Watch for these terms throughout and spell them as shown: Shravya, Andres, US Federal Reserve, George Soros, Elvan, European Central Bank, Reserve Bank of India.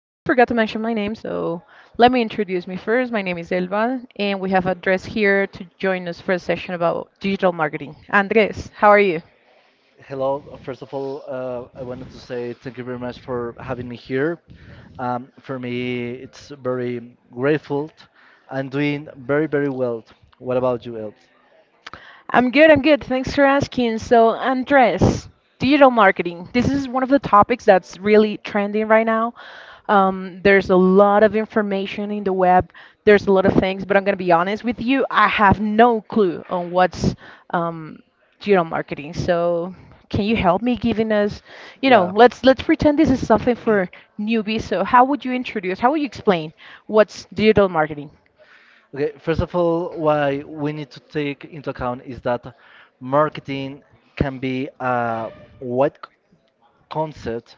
I forgot to mention my name, so let me introduce me first. My name is Elvan, and we have Andres here to join us for a session about digital marketing. Andres, how are you? Hello. First of all, I wanted to say thank you very much for having me here. For me, it's very grateful. I'm doing very, very well. What about you, Elt? I'm good, I'm good. Thanks for asking. So, Andres, digital marketing. This is one of the topics that's really trending right now. There's a lot of information in the web, there's a lot of things, but I'm going to be honest with you, I have no clue on what's um, digital marketing. So, can you help me giving us, you know, Yeah. let's pretend this is something for newbies. So, how would you introduce, how would you explain what's digital marketing? Okay, first of all, why we need to take into account is that marketing can be a wide c- concept,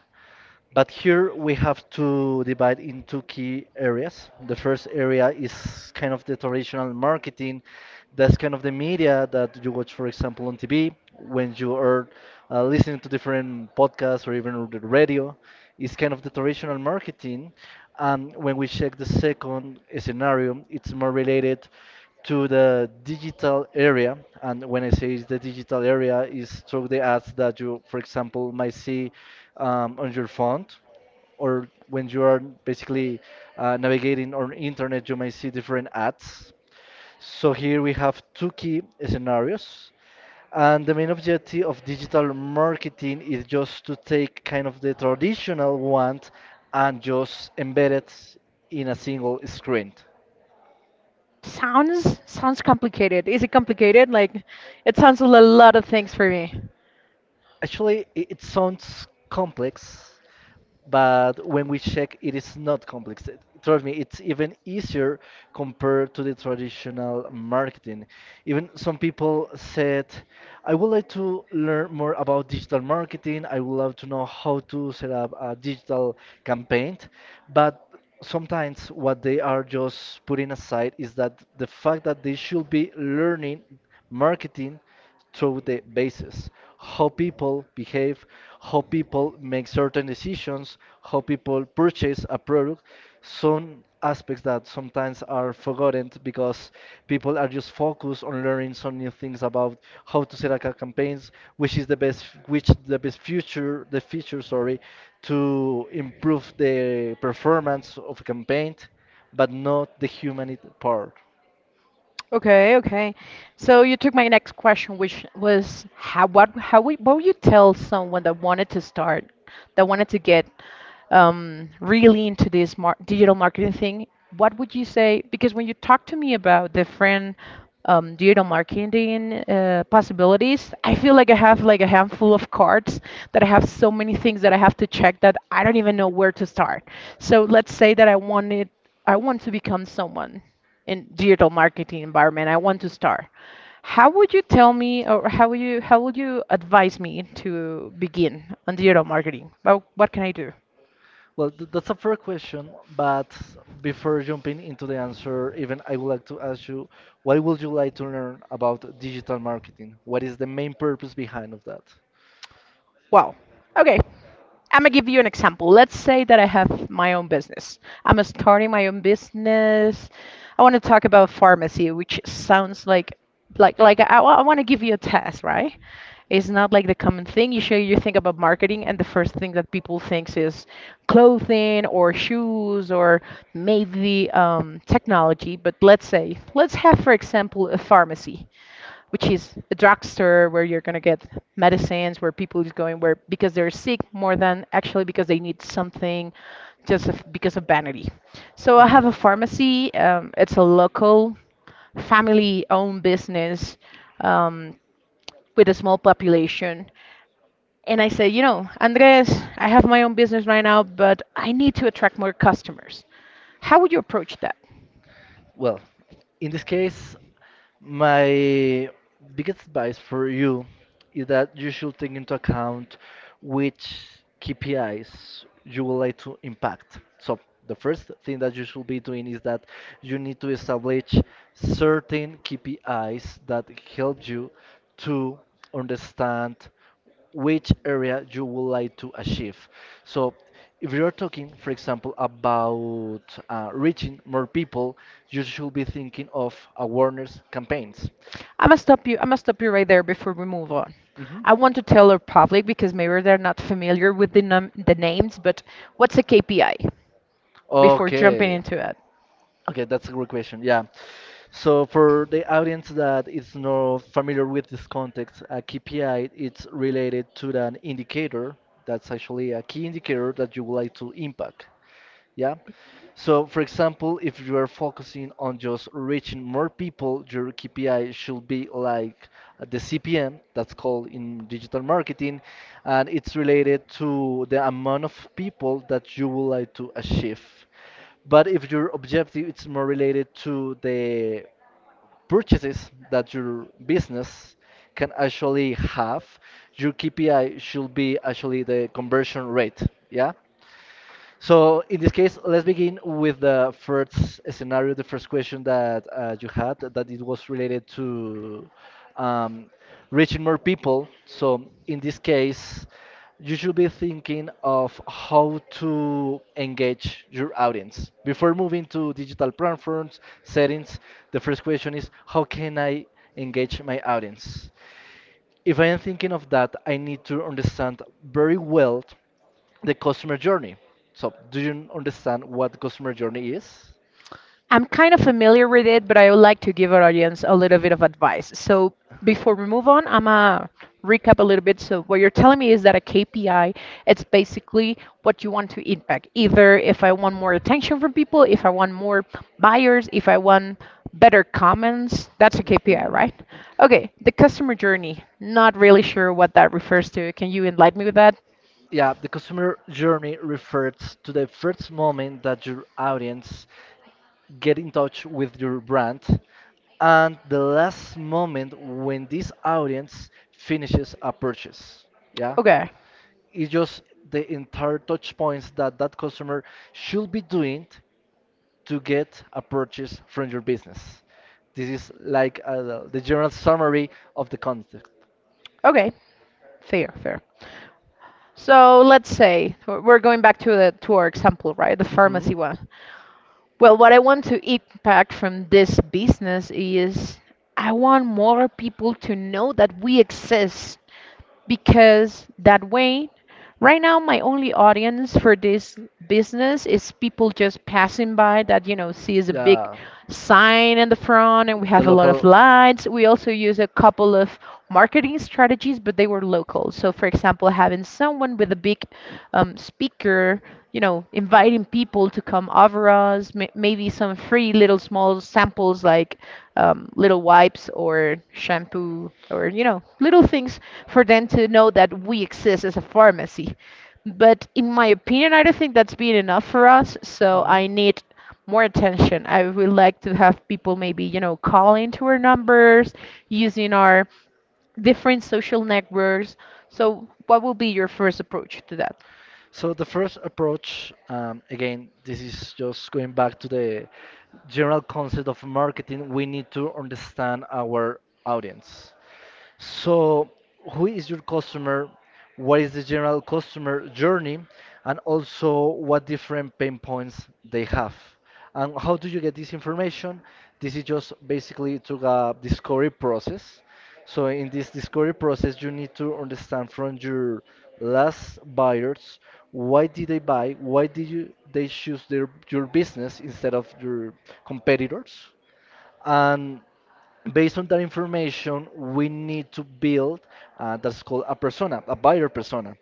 but here we have to divide in two key areas. The first area is kind of the traditional marketing. That's kind of the media that you watch, for example, on TV, when you are listening to different podcasts or even the radio. It's kind of the traditional marketing. And when we check the second scenario, it's more related to the digital area. And when I say is the digital area, is through the ads that you, for example, might see on your phone, or when you are basically navigating on internet, you might see different ads. So here we have two key scenarios. And the main objective of digital marketing is just to take kind of the traditional one and just embed it in a single screen. Sounds complicated. Is it complicated? Like, it sounds a lot of things for me. Actually, it sounds complex, but when we check, it is not complex. Trust me, it's even easier compared to the traditional marketing. Even some people said, I would like to learn more about digital marketing. I would love to know how to set up a digital campaign. But sometimes what they are just putting aside is that the fact that they should be learning marketing through the basis, how people behave, how people make certain decisions, how people purchase a product. Some aspects that sometimes are forgotten because people are just focused on learning some new things about how to set up campaigns, which is the best, which the best future the feature sorry to improve the performance of a campaign, but not the humanity part. Okay, okay. So you took my next question, which was how what how we what would you tell someone that wanted to start, that wanted to get really into this mar digital marketing thing? What would you say? Because when you talk to me about different digital marketing possibilities, I feel like I have like a handful of cards that I have so many things that I have to check that I don't even know where to start. So let's say that I wanted I want to become someone in digital marketing environment. I want to start. How would you tell me, or how would you advise me to begin on digital marketing? Well, what can I do? Well, that's a fair question, but before jumping into the answer, even I would like to ask you, why would you like to learn about digital marketing? What is the main purpose behind of that? Well, okay. I'm gonna give you an example. Let's say that I have my own business. I'm starting my own business. I want to talk about pharmacy, which sounds like like I want to give you a test, right? It's not like the common thing. You usually, you think about marketing, and the first thing that people thinks is clothing or shoes or maybe technology. But let's say let's have, for example, a pharmacy which is a drugstore where you're going to get medicines, where people is going where because they're sick more than actually because they need something because of vanity. So I have a pharmacy. It's a local family-owned business um, with a small population. And I say, you know, Andres, I have my own business right now, but I need to attract more customers. How would you approach that? Well, in this case, my biggest advice for you is that you should take into account which KPIs you would like to impact. So, the first thing that you should be doing is that you need to establish certain KPIs that help you to understand which area you would like to achieve. So, if you're talking, for example, about reaching more people, you should be thinking of awareness campaigns. I must stop you. I must stop you right there before we move on. Mhm. I want to tell our public because maybe they're not familiar with the the names, but what's a KPI before jumping Okay. into it? Okay, that's a great question. Yeah. So for the audience that is not familiar with this context, a KPI it's related to an indicator. That's actually a key indicator that you would like to impact. Yeah. So, for example, if you are focusing on just reaching more people, your KPI should be like the CPM, that's called in digital marketing, and it's related to the amount of people that you would like to achieve. But if your objective is more related to the purchases that your business can actually have, your KPI should be actually the conversion rate. Yeah. So in this case, let's begin with the first scenario, the first question that you had, that it was related to um, reaching more people. So in this case, you should be thinking of how to engage your audience. Before moving to digital platforms, settings, the first question is how can I engage my audience? If I am thinking of that, I need to understand very well the customer journey. So, do you understand what the customer journey is? I'm kind of familiar with it, but I would like to give our audience a little bit of advice. So before we move on, I'm gonna recap a little bit. So what you're telling me is that a KPI, it's basically what you want to impact. Either if I want more attention from people, if I want more buyers, if I want better comments, that's a KPI, Hmm. right? Okay, the customer journey. Not really sure what that refers to. Can you enlighten me with that? Yeah, the customer journey refers to the first moment that your audience get in touch with your brand and the last moment when this audience finishes a purchase. Yeah. Okay. It's just the entire touch points that customer should be doing to get a purchase from your business. This is like the general summary of the concept. Okay. Fair, fair. So let's say we're going back to the to our example, right? The Hmm. pharmacy one. Well, what I want to impact from this business is I want more people to know that we exist because that way, right now my only audience for this business is people just passing by that, you know, sees a big Yeah, sign in the front and we the have a lot of local. lights. We also use a couple of marketing strategies, but they were local. So, for example, having someone with a big speaker, you know, inviting people to come over us, maybe some free little small samples like little wipes or shampoo or, you know, little things for them to know that we exist as a pharmacy. But in my opinion, I don't think that's been enough for us. So Hmm. I need more attention. I would like to have people maybe, you know, calling to our numbers, using our different social networks. So what will be your first approach to that? So the first approach, again, this is just going back to the general concept of marketing. We need to understand our audience. So, who is your customer? What is the general customer journey? And also, what different pain points they have? And how do you get this information? This is just basically through a discovery process. So in this discovery process, you need to understand from your last buyers why did they buy, why did you they choose their your business instead of your competitors, and based on that information, we need to build that's called a persona, a buyer persona.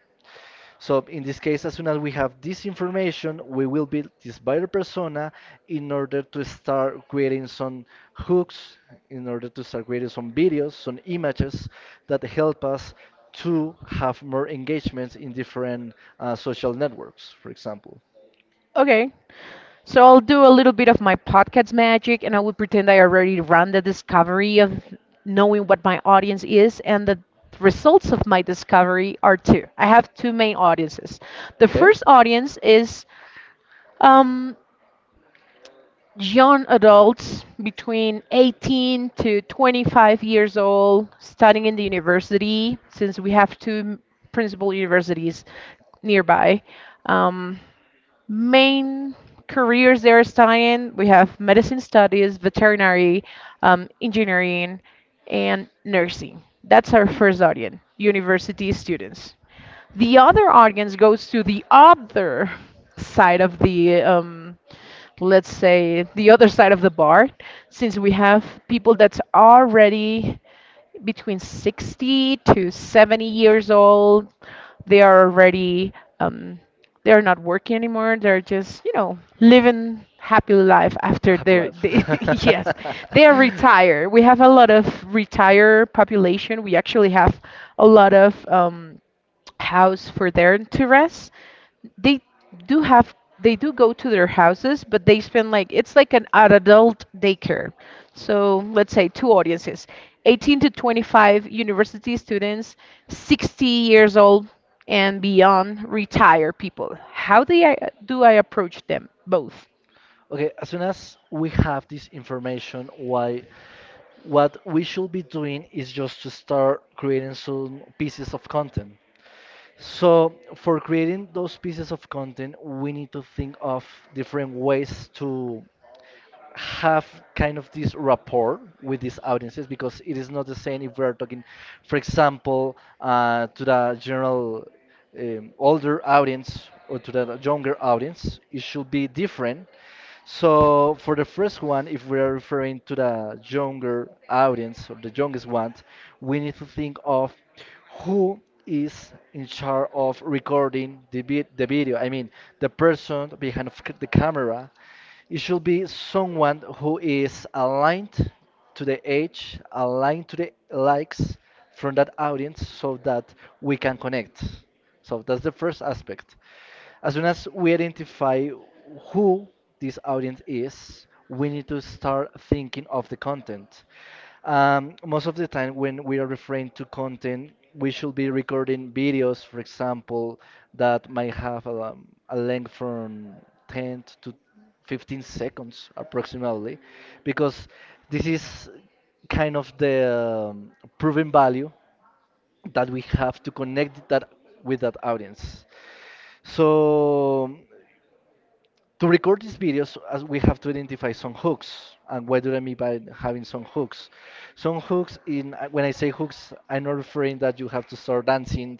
So in this case, as soon as we have this information, we will build this buyer persona in order to start creating some hooks, in order to start creating some videos, some images that help us to have more engagements in different social networks, for example. Okay. So I'll do a little bit of my podcast magic and I will pretend I already ran the discovery of knowing what my audience is and the results of my discovery are two. I have two main audiences. The Okay? first audience is um, young adults between 18 to 25 years old studying in the university, since we have two principal universities nearby. Um, Main careers they're studying, we have medicine studies, veterinary, engineering, and nursing. That's our first audience, university students. The other audience goes to the other side of the, let's say, the other side of the bar, since we have people that's already between 60 to 70 years old. They are already, um, they're not working anymore. They're just, you know, living happy life after Happy their, life. they, Happy yes, they are life. retired. We have a lot of retired population. We actually have a lot of, house for them to rest. They do have they do go to their houses, but they spend like it's like an adult daycare. So let's say two audiences, 18 to 25 university students, 60 years old and beyond retired people. How do I approach them both? Okay, as soon as we have this information, why what we should be doing is just to start creating some pieces of content. So, for creating those pieces of content, we need to think of different ways to have kind of this rapport with these audiences because it is not the same if we are talking, for example, to the general older audience or to the younger audience. It should be different. So for the first one, if we are referring to the younger audience or the youngest one, we need to think of who is in charge of recording the video. I mean, the person behind of the camera. It should be someone who is aligned to the age, aligned to the likes from that audience so that we can connect. So that's the first aspect. As soon as we identify who this audience is, we need to start thinking of the content. Most of the time, when we are referring to content, we should be recording videos, for example, that might have a length from 10 to 15 seconds approximately, because this is kind of the proven value that we have to connect that with that audience. So to record these videos, as we have to identify some hooks. And what do I mean by having some hooks? Some hooks in when I say hooks, I'm not referring that you have to start dancing.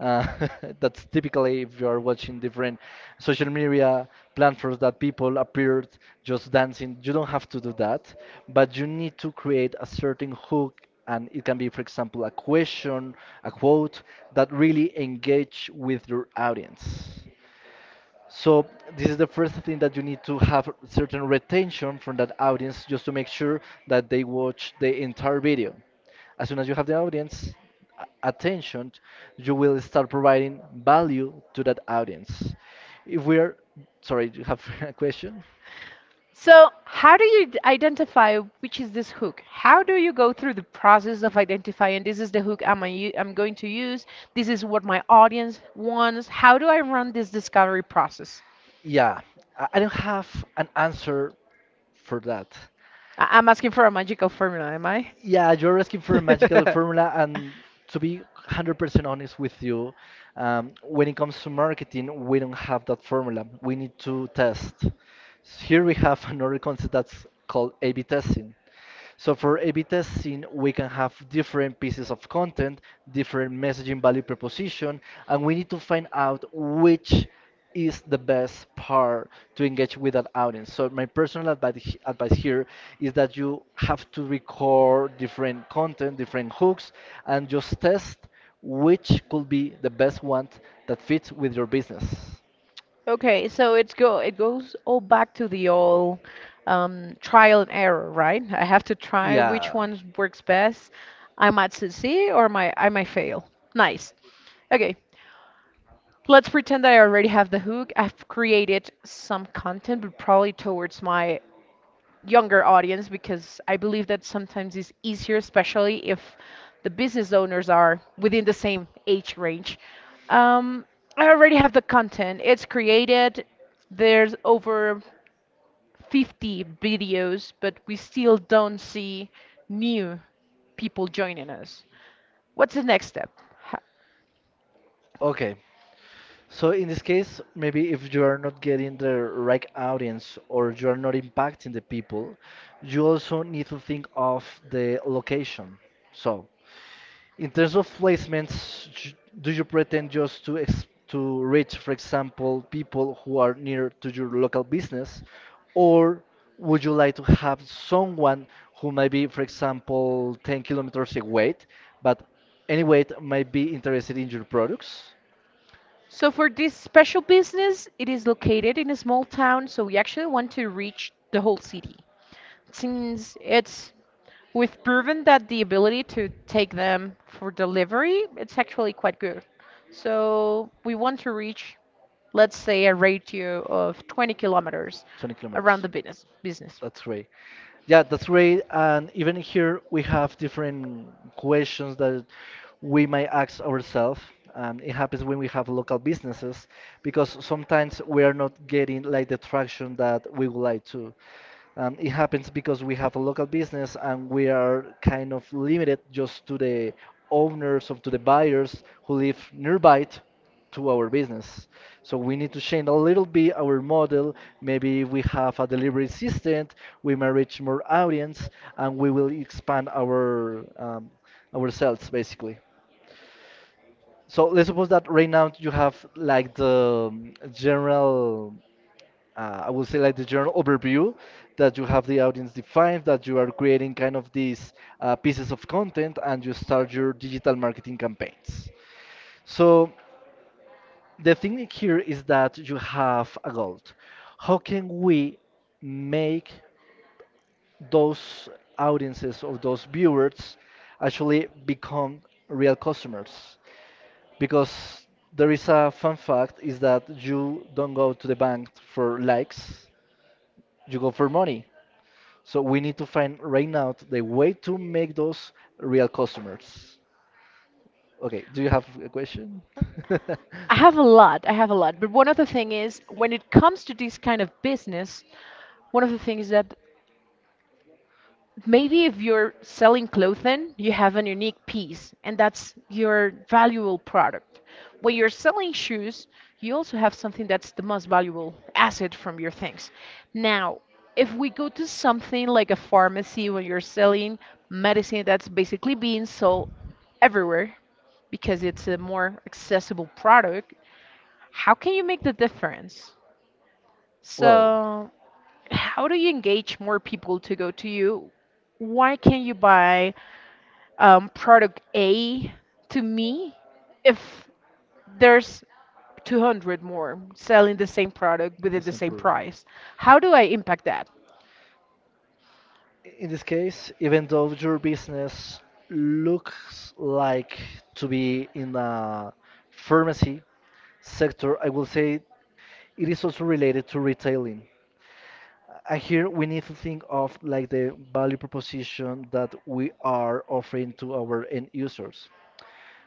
Uh, that's typically if you are watching different social media platforms that people appeared just dancing. You don't have to do that, but you need to create a certain hook. And it can be, for example, a question, a quote that really engage with your audience. So this is the first thing that you need to have certain retention from that audience just to make sure that they watch the entire video. As soon as you have the audience attention, you will start providing value to that audience. If we're sorry, do you have a question? So, how do you identify which is this hook? How do you go through the process of identifying this is the hook I'm going to use? This is what my audience wants. How do I run this discovery process? Yeah, I don't have an answer for that. I'm asking for a magical formula, am I? Yeah, you're asking for a magical formula, and to be 100% honest with you, when it comes to marketing, we don't have that formula. We need to test. Here we have another concept that's called A/B testing. So for A/B testing, we can have different pieces of content, different messaging value proposition, and we need to find out which is the best part to engage with that audience. So my personal advice here is that you have to record different content, different hooks, and just test which could be the best one that fits with your business. Okay, so it goes all back to the old trial and error, right? I have to try which Yeah. one works best. I might succeed or my I might fail. Nice. Okay, let's pretend that I already have the hook. I've created some content, but probably towards my younger audience because I believe that sometimes it's easier, especially if the business owners are within the same age range. Um, I already have the content. It's created. There's over 50 videos, but we still don't see new people joining us. What's the next step? Ha- Okay. So in this case, maybe if you are not getting the right audience or you are not impacting the people, you also need to think of the location. So in terms of placements, do you pretend just to ex to reach, for example, people who are near to your local business, or would you like to have someone who might be, for example, 10 kilometers away, but anyway might be interested in your products? So for this special business, it is located in a small town, so we actually want to reach the whole city, since it's we've proven that the ability to take them for delivery, it's actually quite good. So we want to reach, let's say, a ratio of 20 kilometers 20 around kilometers. the business. That's great. Yeah, that's great. And even here, we have different questions that we might ask ourselves. And it happens when we have local businesses because sometimes we are not getting like the traction that we would like to. And it happens because we have a local business and we are kind of limited just to the owners of to the buyers who live nearby to our business. So we need to change a little bit our model. Maybe if we have a delivery assistant, we may reach more audience and we will expand our sales basically. So let's suppose that right now you have like the general I would say like the general overview that you have the audience defined, that you are creating kind of these pieces of content, and you start your digital marketing campaigns. So the thing here is that you have a goal. How can we make those audiences or those viewers actually become real customers? Because there is a fun fact is that you don't go to the bank for likes, you go for money. So we need to find right now the way to make those real customers. Okay, do you have a question? I have a lot, I have a lot, but one of the thing is when it comes to this kind of business, one of the things that maybe if you're selling clothing, you have an unique piece, and that's your valuable product. When you're selling shoes, you also have something that's the most valuable asset from your things. Now, if we go to something like a pharmacy when you're selling medicine that's basically being sold everywhere because it's a more accessible product, how can you make the difference? Well, So how do you engage more people to go to you? Why can you buy product A to me if there's 200 more selling the same product the within the same simple. price? How do I impact that? In this case, even though your business looks like to be in the pharmacy sector, I will say it is also related to retailing. And here we need to think of like the value proposition that we are offering to our end users.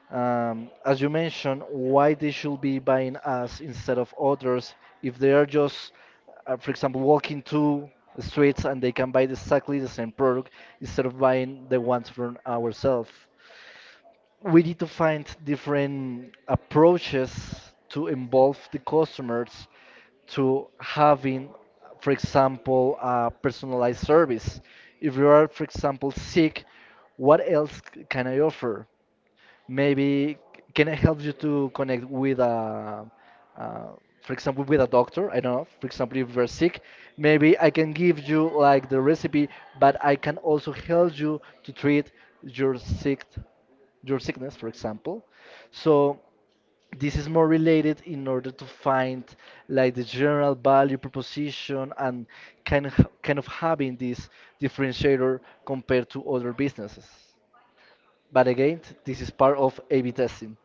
As you mentioned, why they should be buying us instead of others if they are just, for example, walking two streets and they can buy exactly the same product instead of buying the ones from ourselves. We need to find different approaches to involve the customers to having, for example, a personalized service. If you are, for example, sick, what else can I offer? Maybe can I help you to connect with a, uh, for example, with a doctor? I don't know. For example, if you're sick, maybe I can give you like the recipe, but I can also help you to treat your sick, your sickness, for example. So this is more related in order to find like the general value proposition and kind of having this differentiator compared to other businesses. But again, this is part of A/B testing.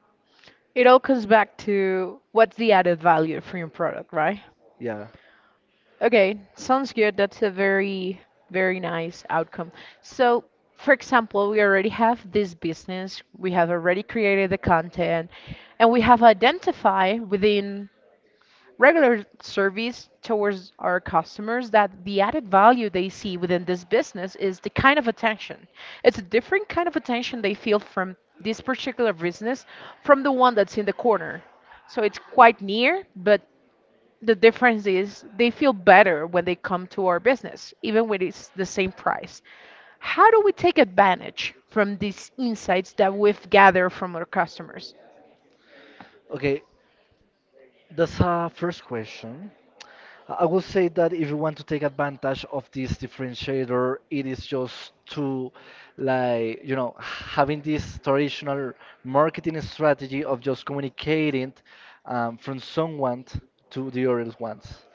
It all comes back to what's the added value from your product, right? Yeah. Okay, sounds good. That's a very, very nice outcome. So, for example, we already have this business, we have already created the content, and we have identified within regular service towards our customers that the added value they see within this business is the kind of attention. It's a different kind of attention they feel from this particular business from the one that's in the corner. So it's quite near, but the difference is they feel better when they come to our business, even when it's the same price. How do we take advantage from these insights that we've gathered from our customers? Okay, that's a first question. I will say that if you want to take advantage of this differentiator, it is just to, like, having this traditional marketing strategy of just communicating from someone to the other ones.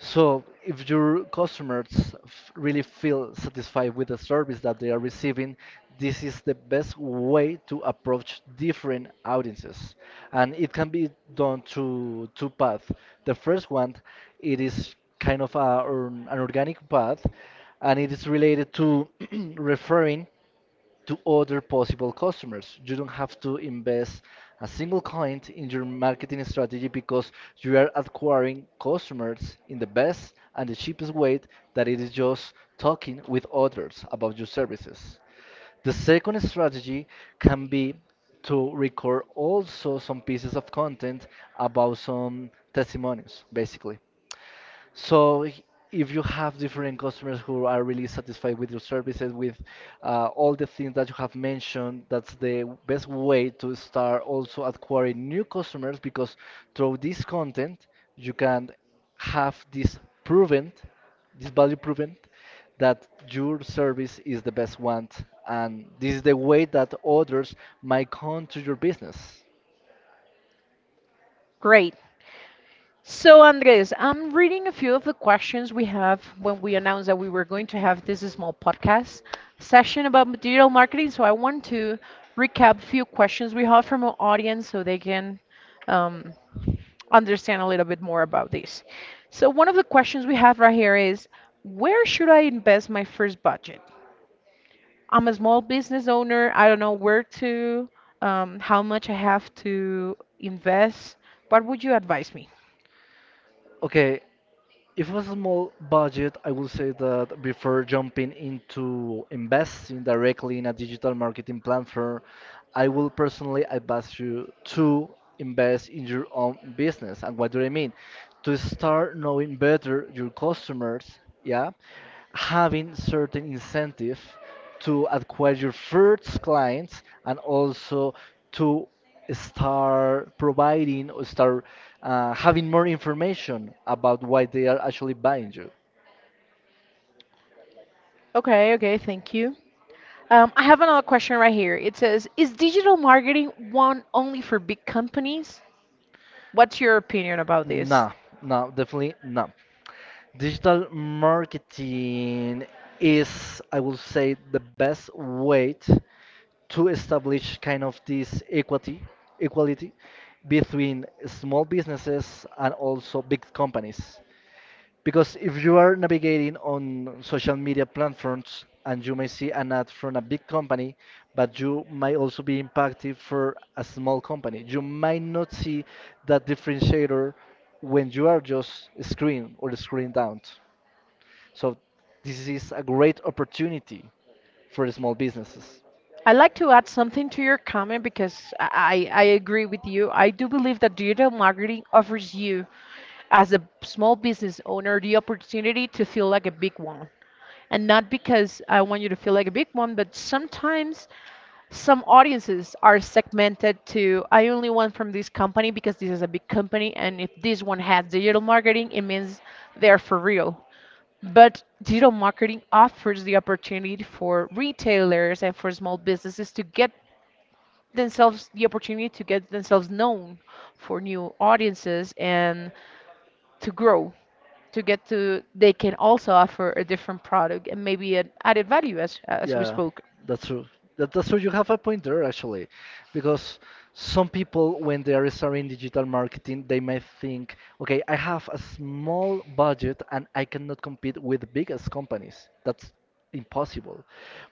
So if your customers really feel satisfied with the service that they are receiving, this is the best way to approach different audiences. And it can be done through two paths. The first one, it is kind of or an organic path, and it is related to referring to other possible customers. You don't have to invest a single coin in your marketing strategy because you are acquiring customers in the best and the cheapest way that it is just talking with others about your services. The second strategy can be to record also some pieces of content about some testimonies, basically. So if you have different customers who are really satisfied with your services, with all the things that you have mentioned, that's the best way to start also acquiring new customers because through this content, you can have this value proven that your service is the best one and this is the way that others might come to your business. Great. So, Andres, I'm reading a few of the questions we have when we announced that we were going to have this small podcast session about digital marketing. So, I want to recap a few questions we have from our audience so they can um, understand a little bit more about this. So one of the questions we have right here is, where should I invest my first budget? I'm a small business owner. I don't know where to, how much I have to invest. What would you advise me? Okay, if it was a small budget, I would say that before jumping into investing directly in a digital marketing platform, I will personally advise you to invest in your own business. And what do I mean? To start knowing better your customers, yeah, having certain incentive to acquire your first clients and also to start providing or start having more information about why they are actually buying you. Okay, okay, thank you. I have another question right here. It says, is digital marketing one only for big companies? What's your opinion about this? Nah, no, definitely no. Digital marketing is, I will say, the best way to establish kind of this equality between small businesses and also big companies. Because if you are navigating on social media platforms and you may see an ad from a big company, but you might also be impacted for a small company. You might not see that differentiator when you are just screen or screen down. So this is a great opportunity for small businesses. I'd like to add something to your comment because I agree with you. I do believe that digital marketing offers you, as a small business owner, the opportunity to feel like a big one. And not because I want you to feel like a big one, but sometimes some audiences are segmented to I only want from this company because this is a big company, and if this one has digital marketing, it means they're for real. But digital marketing offers the opportunity for retailers and for small businesses to get themselves the opportunity to get themselves known for new audiences and to grow to get to they can also offer a different product and maybe an added value as we Yeah, spoke. that's true. That's true. You have a point there actually, because some people, when they are starting digital marketing, they may think, okay, I have a small budget and I cannot compete with the biggest companies. That's impossible.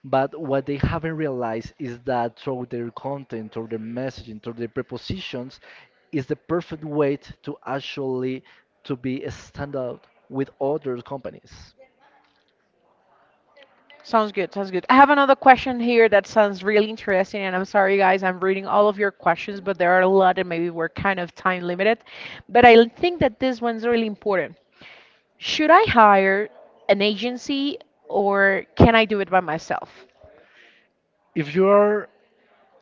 But what they haven't realized is that through their content, through their messaging, through their prepositions, is the perfect way to actually to be a standout with other companies. Sounds good, sounds good. I have another question here that sounds really interesting, and I'm sorry guys, I'm reading all of your questions, but there are a lot and maybe we're kind of time limited, but I think that this one's really important. Should I hire an agency or can I do it by myself? If you are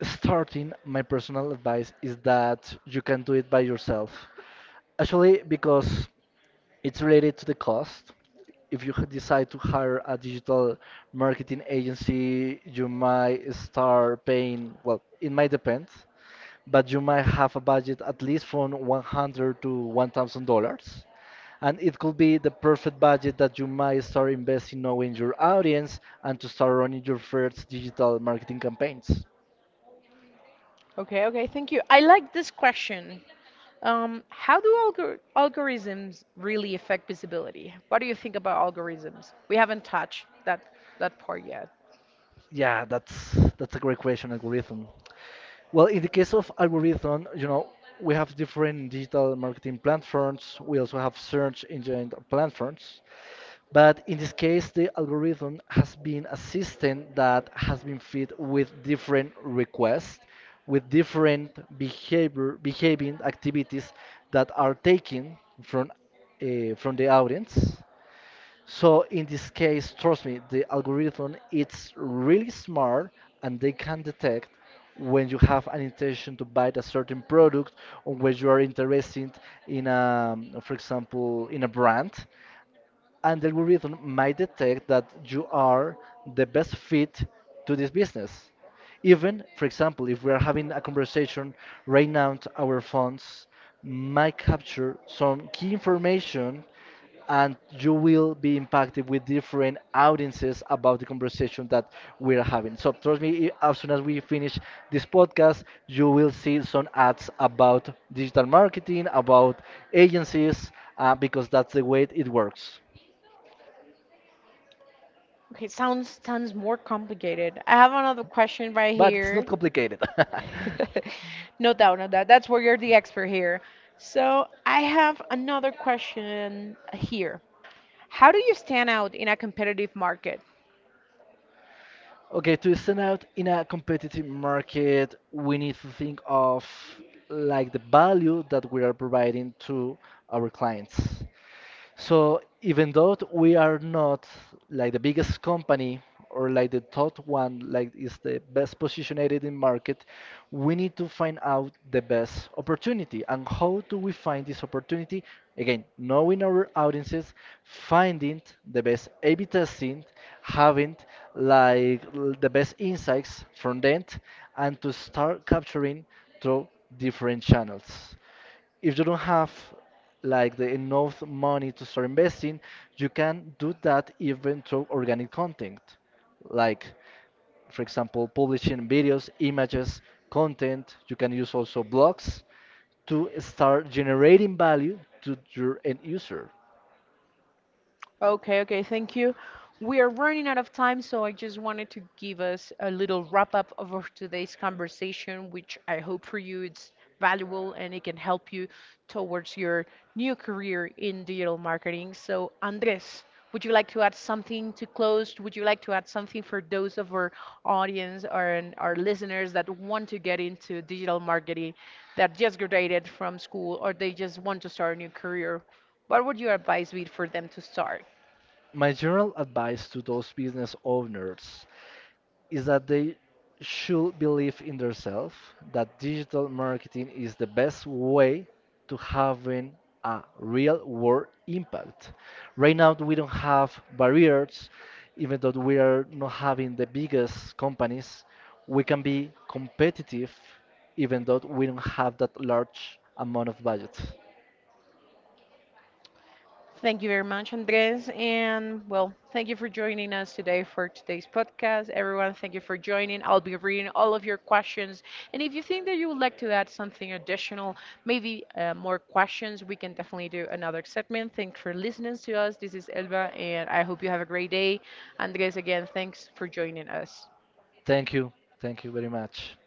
starting, my personal advice is that you can do it by yourself. Actually, because it's related to the cost. If you decide to hire a digital marketing agency, you might start paying, well, it might depend, but you might have a budget at least from 100 to $1,000, and it could be the perfect budget that you might start investing knowing your audience and to start running your first digital marketing campaigns. Okay, okay, thank you. I like this question. How do algorithms really affect visibility? What do you think about algorithms? We haven't touched that part yet. Yeah, that's a great question, algorithm. Well, in the case of algorithm, we have different digital marketing platforms. We also have search engine platforms. But in this case, the algorithm has been a system that has been fed with different requests, with different behaving activities that are taken from the audience. So in this case, trust me, the algorithm it's really smart and they can detect when you have an intention to buy a certain product or when you are interested in a, for example, in a brand, and the algorithm might detect that you are the best fit to this business. Even, for example, if we are having a conversation right now, our phones might capture some key information and you will be impacted with different audiences about the conversation that we are having. So trust me, as soon as we finish this podcast, you will see some ads about digital marketing, about agencies, because that's the way it works. Okay, sounds sounds more complicated. I have another question right But it's not here. complicated. No doubt, no doubt. That's where you're the expert here. So I have another question here. How do you stand out in a competitive market? Okay, to stand out in a competitive market, we need to think of like the value that we are providing to our clients. So even though we are not like the biggest company or like the top one, like is the best positioned in market, we need to find out the best opportunity. And how do we find this opportunity? Again, knowing our audiences, finding the best A/B testing, having like the best insights from that, and to start capturing through different channels. If you don't have like the enough money to start investing, you can do that even through organic content. Like, for example, publishing videos, images, content. You can use also blogs to start generating value to your end user. Okay, okay, thank you. We are running out of time, so I just wanted to give us a little wrap up of our today's conversation, which I hope for you it's valuable and it can help you towards your new career in digital marketing. So, Andres, would you like to add something to close? Would you like to add something for those of our audience or and our listeners that want to get into digital marketing, that just graduated from school or they just want to start a new career? What would your advice be for them to start? My general advice to those business owners is that they should believe in themselves that digital marketing is the best way to having a real world impact. Right now we don't have barriers, even though we are not having the biggest companies, we can be competitive even though we don't have that large amount of budget. Thank you very much, Andres. And well, thank you for joining us today for today's podcast. Everyone, thank you for joining. I'll be reading all of your questions. And if you think that you would like to add something additional, maybe more questions, we can definitely do another segment. Thanks for listening to us. This is Elba, and I hope you have a great day. Andres, again, thanks for joining us. Thank you. Thank you very much.